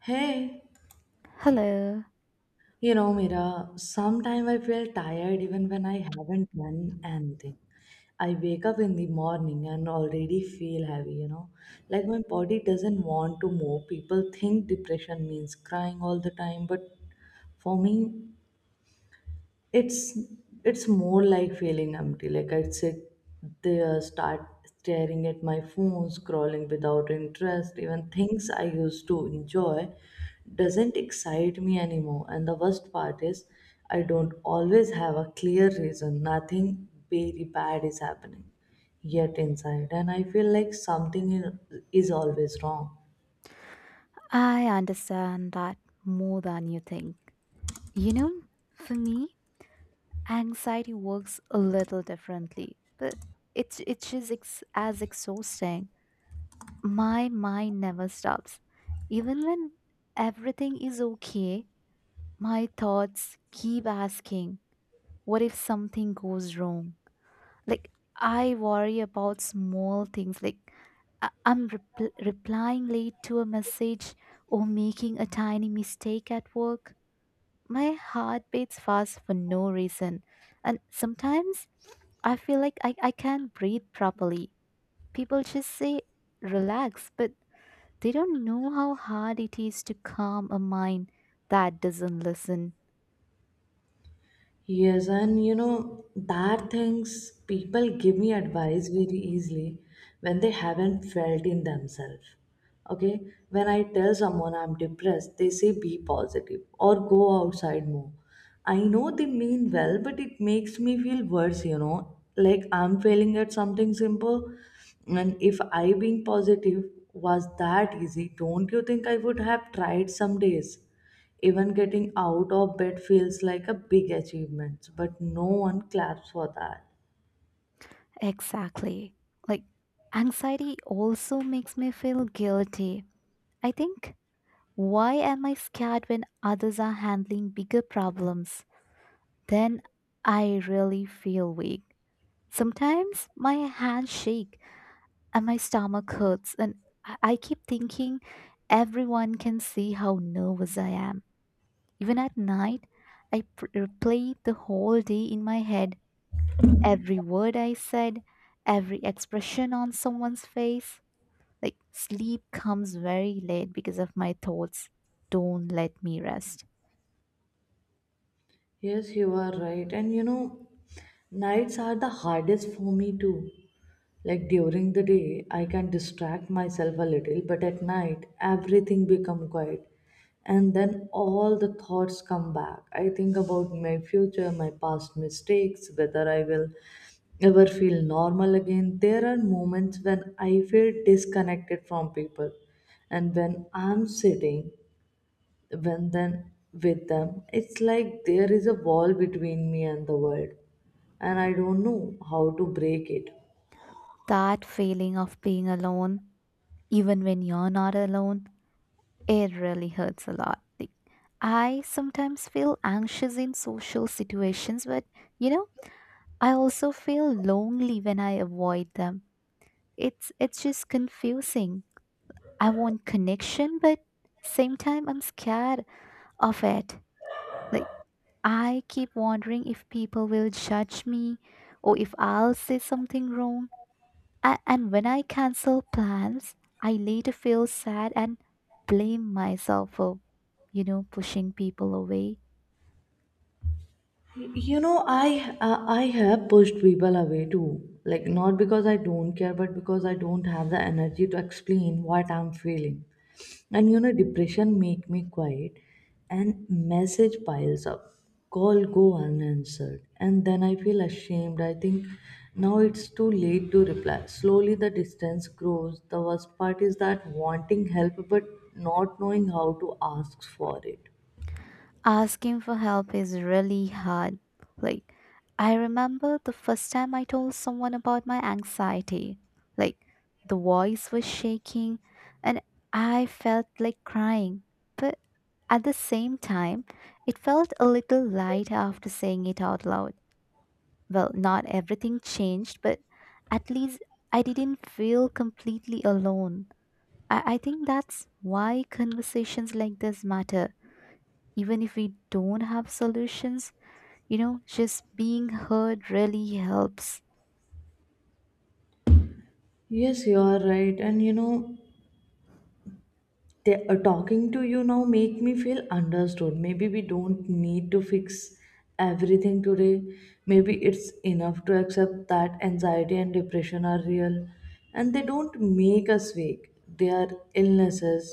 Hey, Hello. you know, Mira, sometimes I feel tired even when I haven't done anything. I wake up in the morning and already feel heavy, you know. Like my body doesn't want to move. People think depression means crying all the time, but for me, it's it's more like feeling empty. Like I sit there start staring at my phone, scrolling without interest. Even things I used to enjoy doesn't excite me anymore. And the worst part is, I don't always have a clear reason. Nothing very bad is happening, yet inside and I feel like something is always wrong. I understand that more than you think. You know, for me, anxiety works a little differently, but it's just as exhausting. My mind never stops. Even when everything is okay, my thoughts keep asking, what if something goes wrong? Like, I worry about small things. Like, I'm replying late to a message or making a tiny mistake at work. My heart beats fast for no reason, and sometimes I feel like I can't breathe properly. People just say relax, but they don't know how hard it is to calm a mind that doesn't listen. Yes, and you know, that things, people give me advice very easily when they haven't felt in themselves. Okay, when I tell someone I'm depressed, they say be positive or go outside more. I know they mean well, but it makes me feel worse, you know, like I'm failing at something simple. And if I being positive was that easy, don't you think I would have tried some days? Even getting out of bed feels like a big achievement, but no one claps for that. Exactly. Like, anxiety also makes me feel guilty. I think, why am I scared when others are handling bigger problems? Then I really feel weak. Sometimes my hands shake and my stomach hurts, and I keep thinking everyone can see how nervous I am. Even at night, I replay the whole day in my head, every word I said, every expression on someone's face. Like, sleep comes very late because of my thoughts. Don't let me rest. Yes, you are right. And you know, nights are the hardest for me too. Like during the day, I can distract myself a little, but at night, everything become quiet. And then all the thoughts come back. I think about my future, my past mistakes, whether I will ever feel normal again. There are moments when I feel disconnected from people. And when I'm sitting when then with them, it's like there is a wall between me and the world, and I don't know how to break it. That feeling of being alone, even when you're not alone, it really hurts a lot. Like, I sometimes feel anxious in social situations, but you know, I also feel lonely when I avoid them. It's just confusing. I want connection, but same time I'm scared of it. Like, I keep wondering if people will judge me or if I'll say something wrong. And when I cancel plans, I later feel sad and blame myself for, you know, pushing people away. You know, I have pushed people away too. Like not because I don't care, but because I don't have the energy to explain what I'm feeling. And you know, depression make me quiet, and message piles up. Call go unanswered, and then I feel ashamed. I think now it's too late to reply. Slowly the distance grows. The worst part is that wanting help but not knowing how to ask for it. Asking for help is really hard. Like, I remember the first time I told someone about my anxiety. Like, the voice was shaking and I felt like crying. But at the same time, it felt a little light after saying it out loud. Well, not everything changed, but at least I didn't feel completely alone. I think that's why conversations like this matter. Even if we don't have solutions, you know, just being heard really helps. Yes, you are right. And you know, talking to you now make me feel understood. Maybe we don't need to fix everything today. Maybe it's enough to accept that anxiety and depression are real, and they don't make us weak. They are illnesses,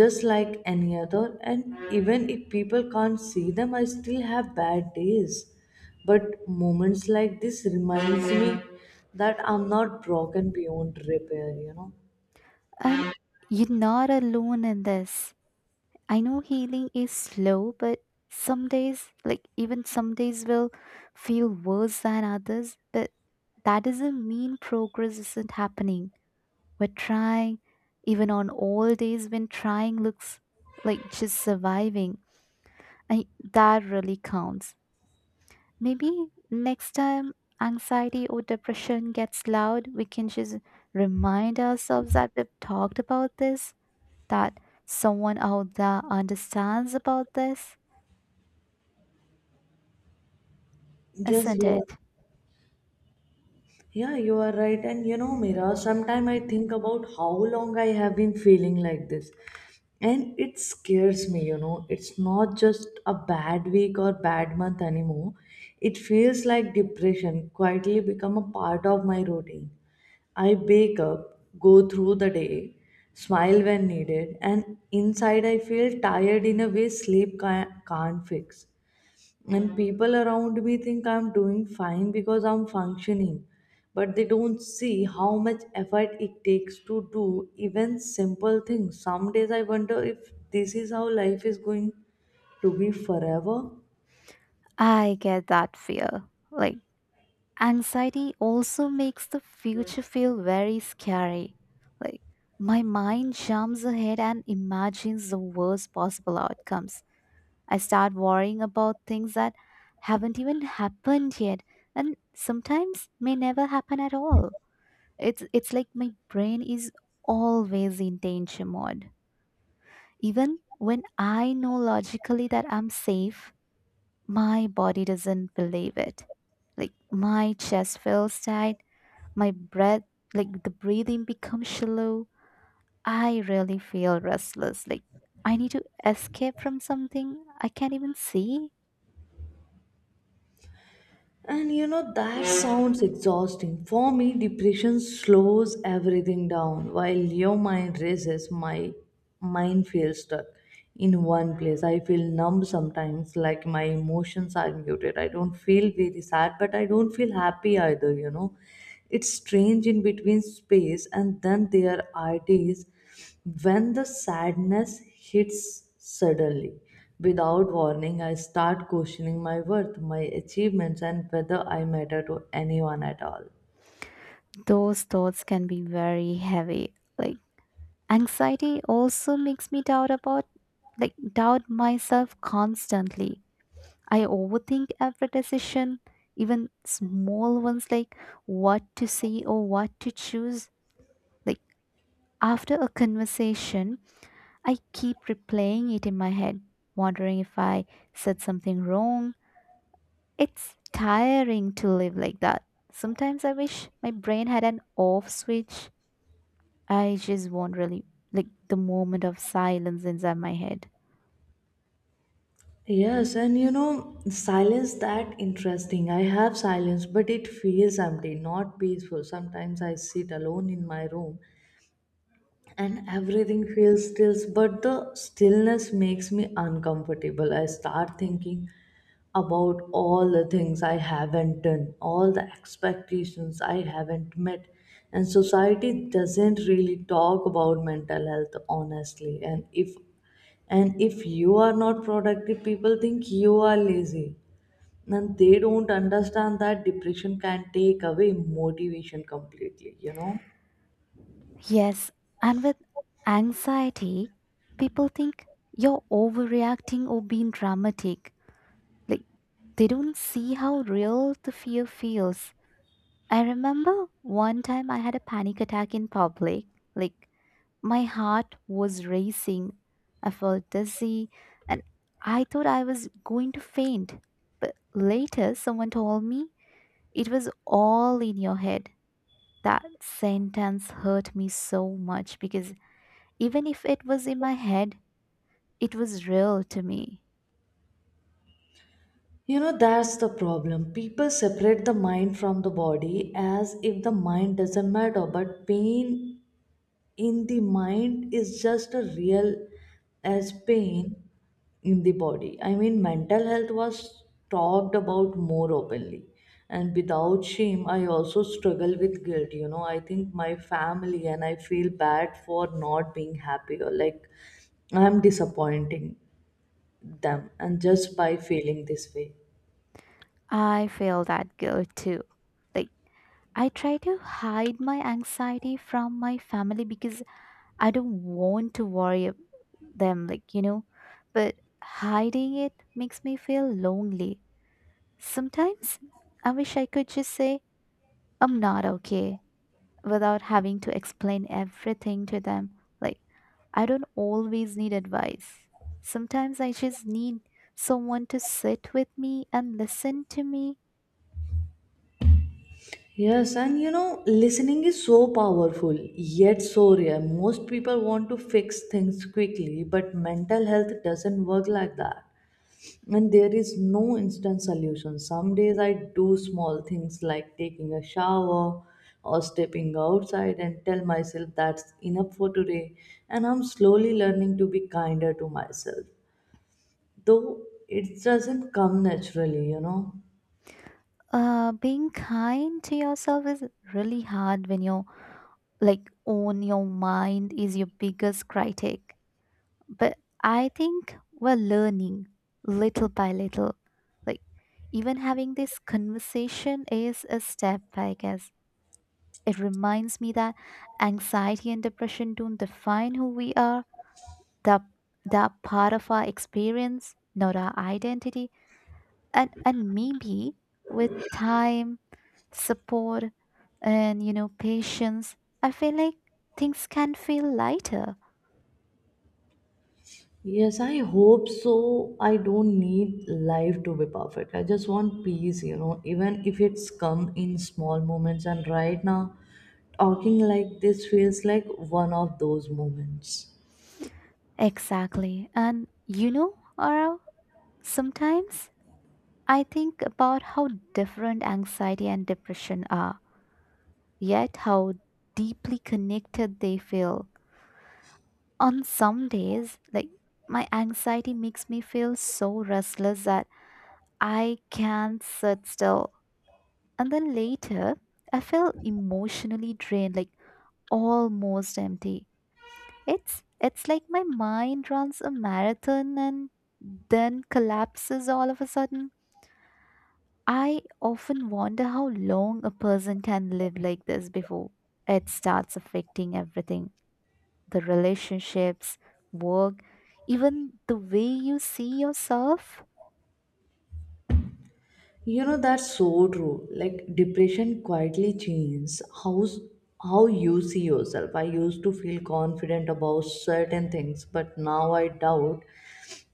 just like any other. And even if people can't see them, I still have bad days, but moments like this reminds me that I'm not broken beyond repair, you know. And you're not alone in this. I know healing is slow, but some days, like even some days, will feel worse than others, but that doesn't mean progress isn't happening. We're trying, even on all days when trying looks like just surviving. I, that really counts. Maybe next time anxiety or depression gets loud, we can just remind ourselves that we've talked about this, that someone out there understands about this, Yes, isn't you are. it? Yeah, you are right. And you know, Mira, sometimes I think about how long I have been feeling like this. And it scares me, you know. It's not just a bad week or bad month anymore. It feels like depression quietly become a part of my routine. I wake up, go through the day, smile when needed, and inside I feel tired in a way sleep can't fix. And people around me think I'm doing fine because I'm functioning, but they don't see how much effort it takes to do even simple things. Some days I wonder if this is how life is going to be forever. I get that fear. Like, anxiety also makes the future feel very scary. Like, my mind jumps ahead and imagines the worst possible outcomes. I start worrying about things that haven't even happened yet and sometimes may never happen at all. It's like my brain is always in danger mode. Even when I know logically that I'm safe, my body doesn't believe it. Like, my chest feels tight, my breath, like the breathing becomes shallow. I really feel restless, like I need to escape from something I can't even see. And you know, that sounds exhausting. For me, depression slows everything down. While your mind races, my mind feels stuck in one place. I feel numb sometimes, like my emotions are muted. I don't feel very sad, but I don't feel happy either, you know. It's strange in between space, and then there are days when the sadness hits suddenly, without warning. I start questioning my worth, my achievements, and whether I matter to anyone at all. Those thoughts can be very heavy. Like, anxiety also makes me doubt about, like, doubt myself constantly. I overthink every decision, even small ones, like what to say or what to choose. Like, after a conversation I keep replaying it in my head, wondering if I said something wrong. It's tiring to live like that. Sometimes I wish my brain had an off switch. I just want really like the moment of silence inside my head. Yes, and you know, silence that interesting. I have silence, but it feels empty, not peaceful. Sometimes I sit alone in my room and everything feels still, but the stillness makes me uncomfortable. I start thinking about all the things I haven't done, all the expectations I haven't met. And society doesn't really talk about mental health honestly. And if you are not productive, people think you are lazy, and they don't understand that depression can take away motivation completely, you know. Yes, and with anxiety, people think you're overreacting or being dramatic. Like, they don't see how real the fear feels. I remember one time I had a panic attack in public. Like, my heart was racing. I felt dizzy and I thought I was going to faint. But later, someone told me it was all in your head. That sentence hurt me so much because even if it was in my head, it was real to me. You know, that's the problem. People separate the mind from the body as if the mind doesn't matter, but pain in the mind is just as real as pain in the body. I mean, mental health was talked about more openly. And without shame, I also struggle with guilt. You know, I think my family and I feel bad for not being happy or like I'm disappointing them, and just by feeling this way. I feel that guilt too. Like, I try to hide my anxiety from my family because I don't want to worry them, like, you know, but hiding it makes me feel lonely. Sometimes I wish I could just say, I'm not okay, without having to explain everything to them. Like, I don't always need advice. Sometimes I just need someone to sit with me and listen to me. Yes, and you know, listening is so powerful, yet so rare. Most people want to fix things quickly, but mental health doesn't work like that. And there is no instant solution. Some days I do small things like taking a shower or stepping outside and tell myself that's enough for today. And I'm slowly learning to be kinder to myself, though it doesn't come naturally, you know. Being kind to yourself is really hard when your, like, own your mind is your biggest critic, but I think we're learning little by little. Like, even having this conversation is a step, I guess. It reminds me that anxiety and depression don't define who we are, that that part of our experience, not our identity. And maybe with time, support, and you know, patience, I feel like things can feel lighter. Yes, I hope so. I don't need life to be perfect. I just want peace, you know, even if it's come in small moments. And right now, talking like this feels like one of those moments. Exactly. And you know, Aura, sometimes I think about how different anxiety and depression are, yet how deeply connected they feel. On some days, like my anxiety makes me feel so restless that I can't sit still. And then later, I feel emotionally drained, like almost empty. It's like my mind runs a marathon and then collapses all of a sudden. I often wonder how long a person can live like this before it starts affecting everything, the relationships, work, even the way you see yourself. You know, that's so true. Like, depression quietly changes how you see yourself. I used to feel confident about certain things, but now I doubt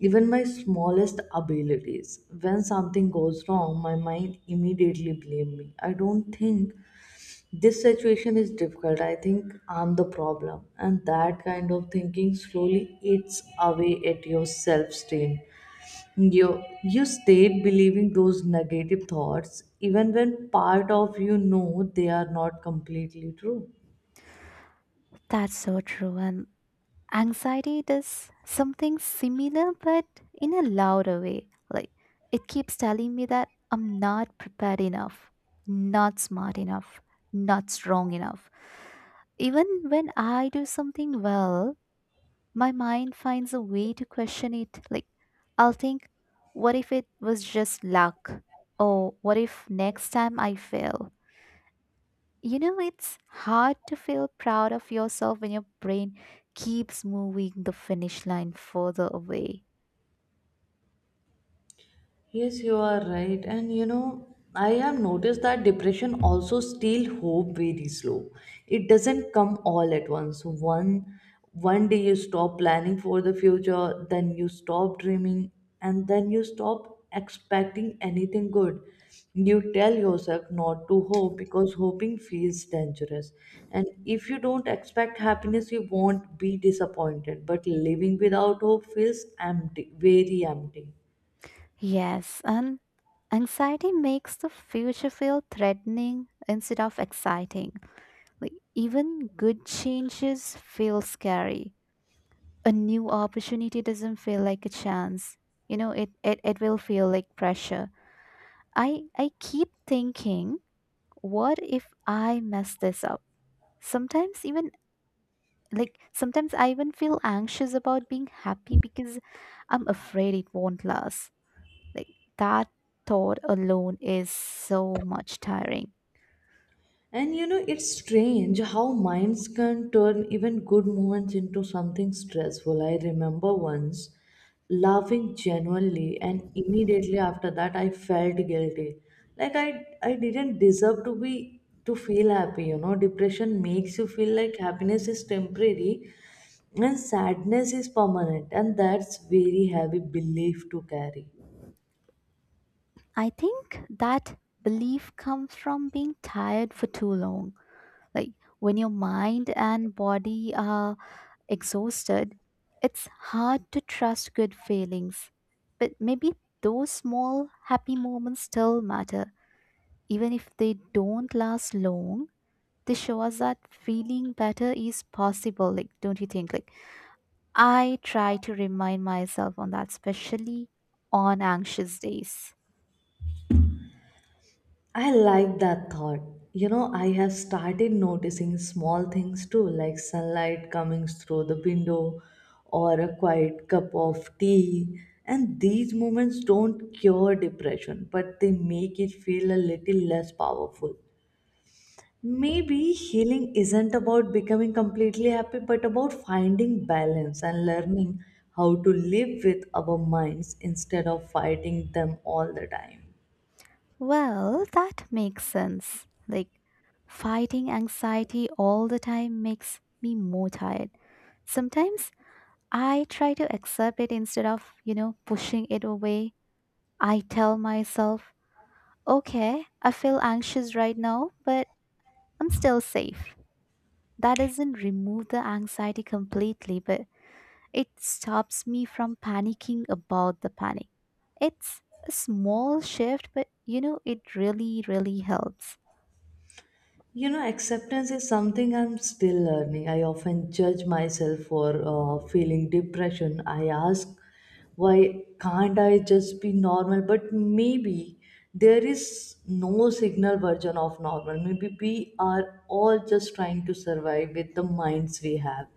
even my smallest abilities. When something goes wrong, my mind immediately blame me. I don't think this situation is difficult. I think I'm the problem. And that kind of thinking slowly eats away at your self-esteem. You stayed believing those negative thoughts even when part of you know they are not completely true. That's so true. And anxiety does something similar, but in a louder way. Like, it keeps telling me that I'm not prepared enough, not smart enough, not strong enough. Even when I do something well, my mind finds a way to question it. Like, I'll think, what if it was just luck? Or what if next time I fail? You know, it's hard to feel proud of yourself when your brain keeps moving the finish line further away. Yes, you are right. And you know, I have noticed that depression also steal hope very slow. It doesn't come all at once. One day you stop planning for the future, then you stop dreaming, and then you stop expecting anything good. You tell yourself not to hope because hoping feels dangerous. And if you don't expect happiness, you won't be disappointed. But living without hope feels empty, very empty. Yes, and anxiety makes the future feel threatening instead of exciting. Like, even good changes feel scary. A new opportunity doesn't feel like a chance. You know, it will feel like pressure. I keep thinking, what if I mess this up? Sometimes even, like, sometimes I even feel anxious about being happy because I'm afraid it won't last. Like, that thought alone is so much tiring. And you know, it's strange how minds can turn even good moments into something stressful. I remember once laughing genuinely, and immediately after that, I felt guilty. Like I didn't deserve to be to feel happy. You know, depression makes you feel like happiness is temporary, and sadness is permanent, and that's very heavy belief to carry. I think that belief comes from being tired for too long. Like, when your mind and body are exhausted, it's hard to trust good feelings. But maybe those small happy moments still matter. Even if they don't last long, they show us that feeling better is possible. Like, don't you think? Like, I try to remind myself on that, especially on anxious days. I like that thought. You know, I have started noticing small things too, like sunlight coming through the window or a quiet cup of tea. And these moments don't cure depression, but they make it feel a little less powerful. Maybe healing isn't about becoming completely happy, but about finding balance and learning how to live with our minds instead of fighting them all the time. Well, that makes sense. Like, fighting anxiety all the time makes me more tired. Sometimes I try to accept it instead of, you know, pushing it away. I tell myself, okay, I feel anxious right now, but I'm still safe. That doesn't remove the anxiety completely, but it stops me from panicking about the panic. It's a small shift, but you know, it really, really helps. You know, acceptance is something I'm still learning. I often judge myself for feeling depression. I ask, why can't I just be normal? But maybe there is no signal version of normal. Maybe we are all just trying to survive with the minds we have.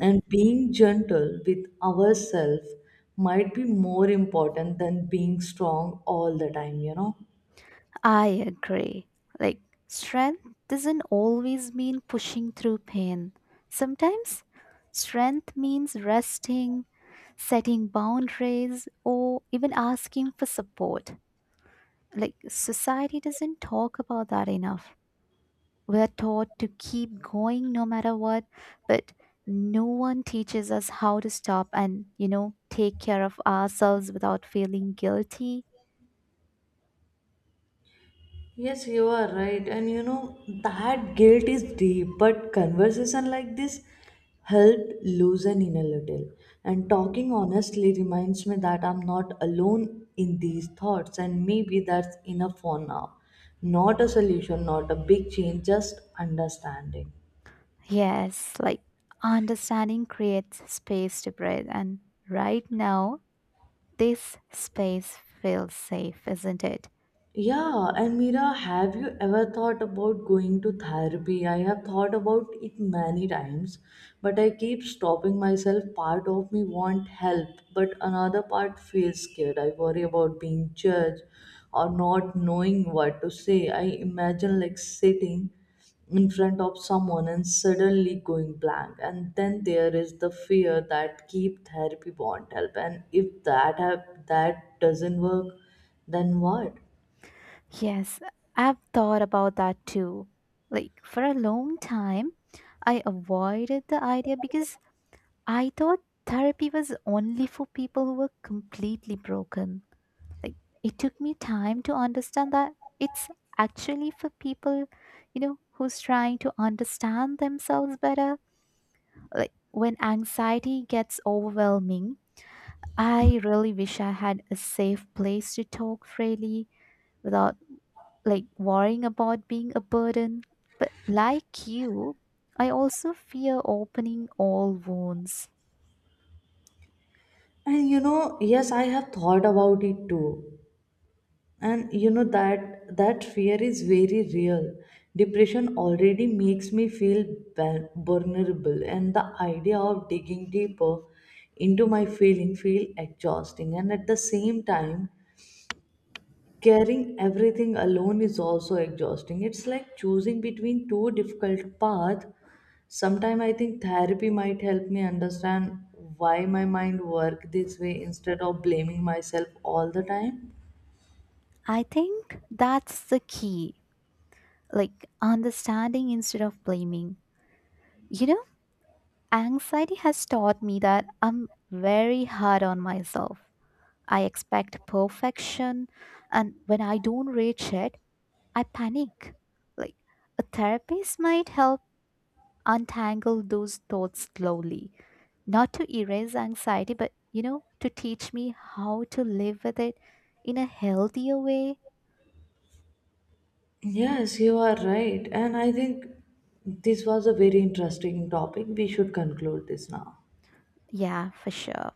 And being gentle with ourselves might be more important than being strong all the time, you know? I agree. Like, strength doesn't always mean pushing through pain. Sometimes, strength means resting, setting boundaries, or even asking for support. Like, society doesn't talk about that enough. We're taught to keep going no matter what, but no one teaches us how to stop and, you know, take care of ourselves without feeling guilty. Yes, you are right. And you know, that guilt is deep, but conversation like this help loosen in a little. And talking honestly reminds me that I'm not alone in these thoughts, and maybe that's enough for now. Not a solution, not a big change, just understanding. Yes, like, understanding creates space to breathe, and right now, this space feels safe, isn't it? Yeah, and Mira, have you ever thought about going to therapy? I have thought about it many times, but I keep stopping myself. Part of me want help, but another part feels scared. I worry about being judged or not knowing what to say. I imagine like sitting in front of someone and suddenly going blank. And then there is the fear that keep therapy won't help, and if that that doesn't work, then what? Yes, I've thought about that too. Like, for a long time, I avoided the idea because I thought therapy was only for people who were completely broken. Like, it took me time to understand that it's actually for people, you know, who's trying to understand themselves better. Like, when anxiety gets overwhelming, I really wish I had a safe place to talk freely, without, like, worrying about being a burden. But like you, I also fear opening all wounds. And you know, yes, I have thought about it too. And you know that fear is very real. Depression already makes me feel vulnerable, and the idea of digging deeper into my feeling feel exhausting. And at the same time, carrying everything alone is also exhausting. It's like choosing between two difficult paths. Sometimes I think therapy might help me understand why my mind work this way instead of blaming myself all the time. I think that's the key, like understanding instead of blaming. You know, anxiety has taught me that I'm very hard on myself. I expect perfection, and when I don't reach it, I panic. Like, a therapist might help untangle those thoughts slowly, not to erase anxiety, but you know, to teach me how to live with it in a healthier way. Yes, you are right. And I think this was a very interesting topic. We should conclude this now. Yeah, for sure.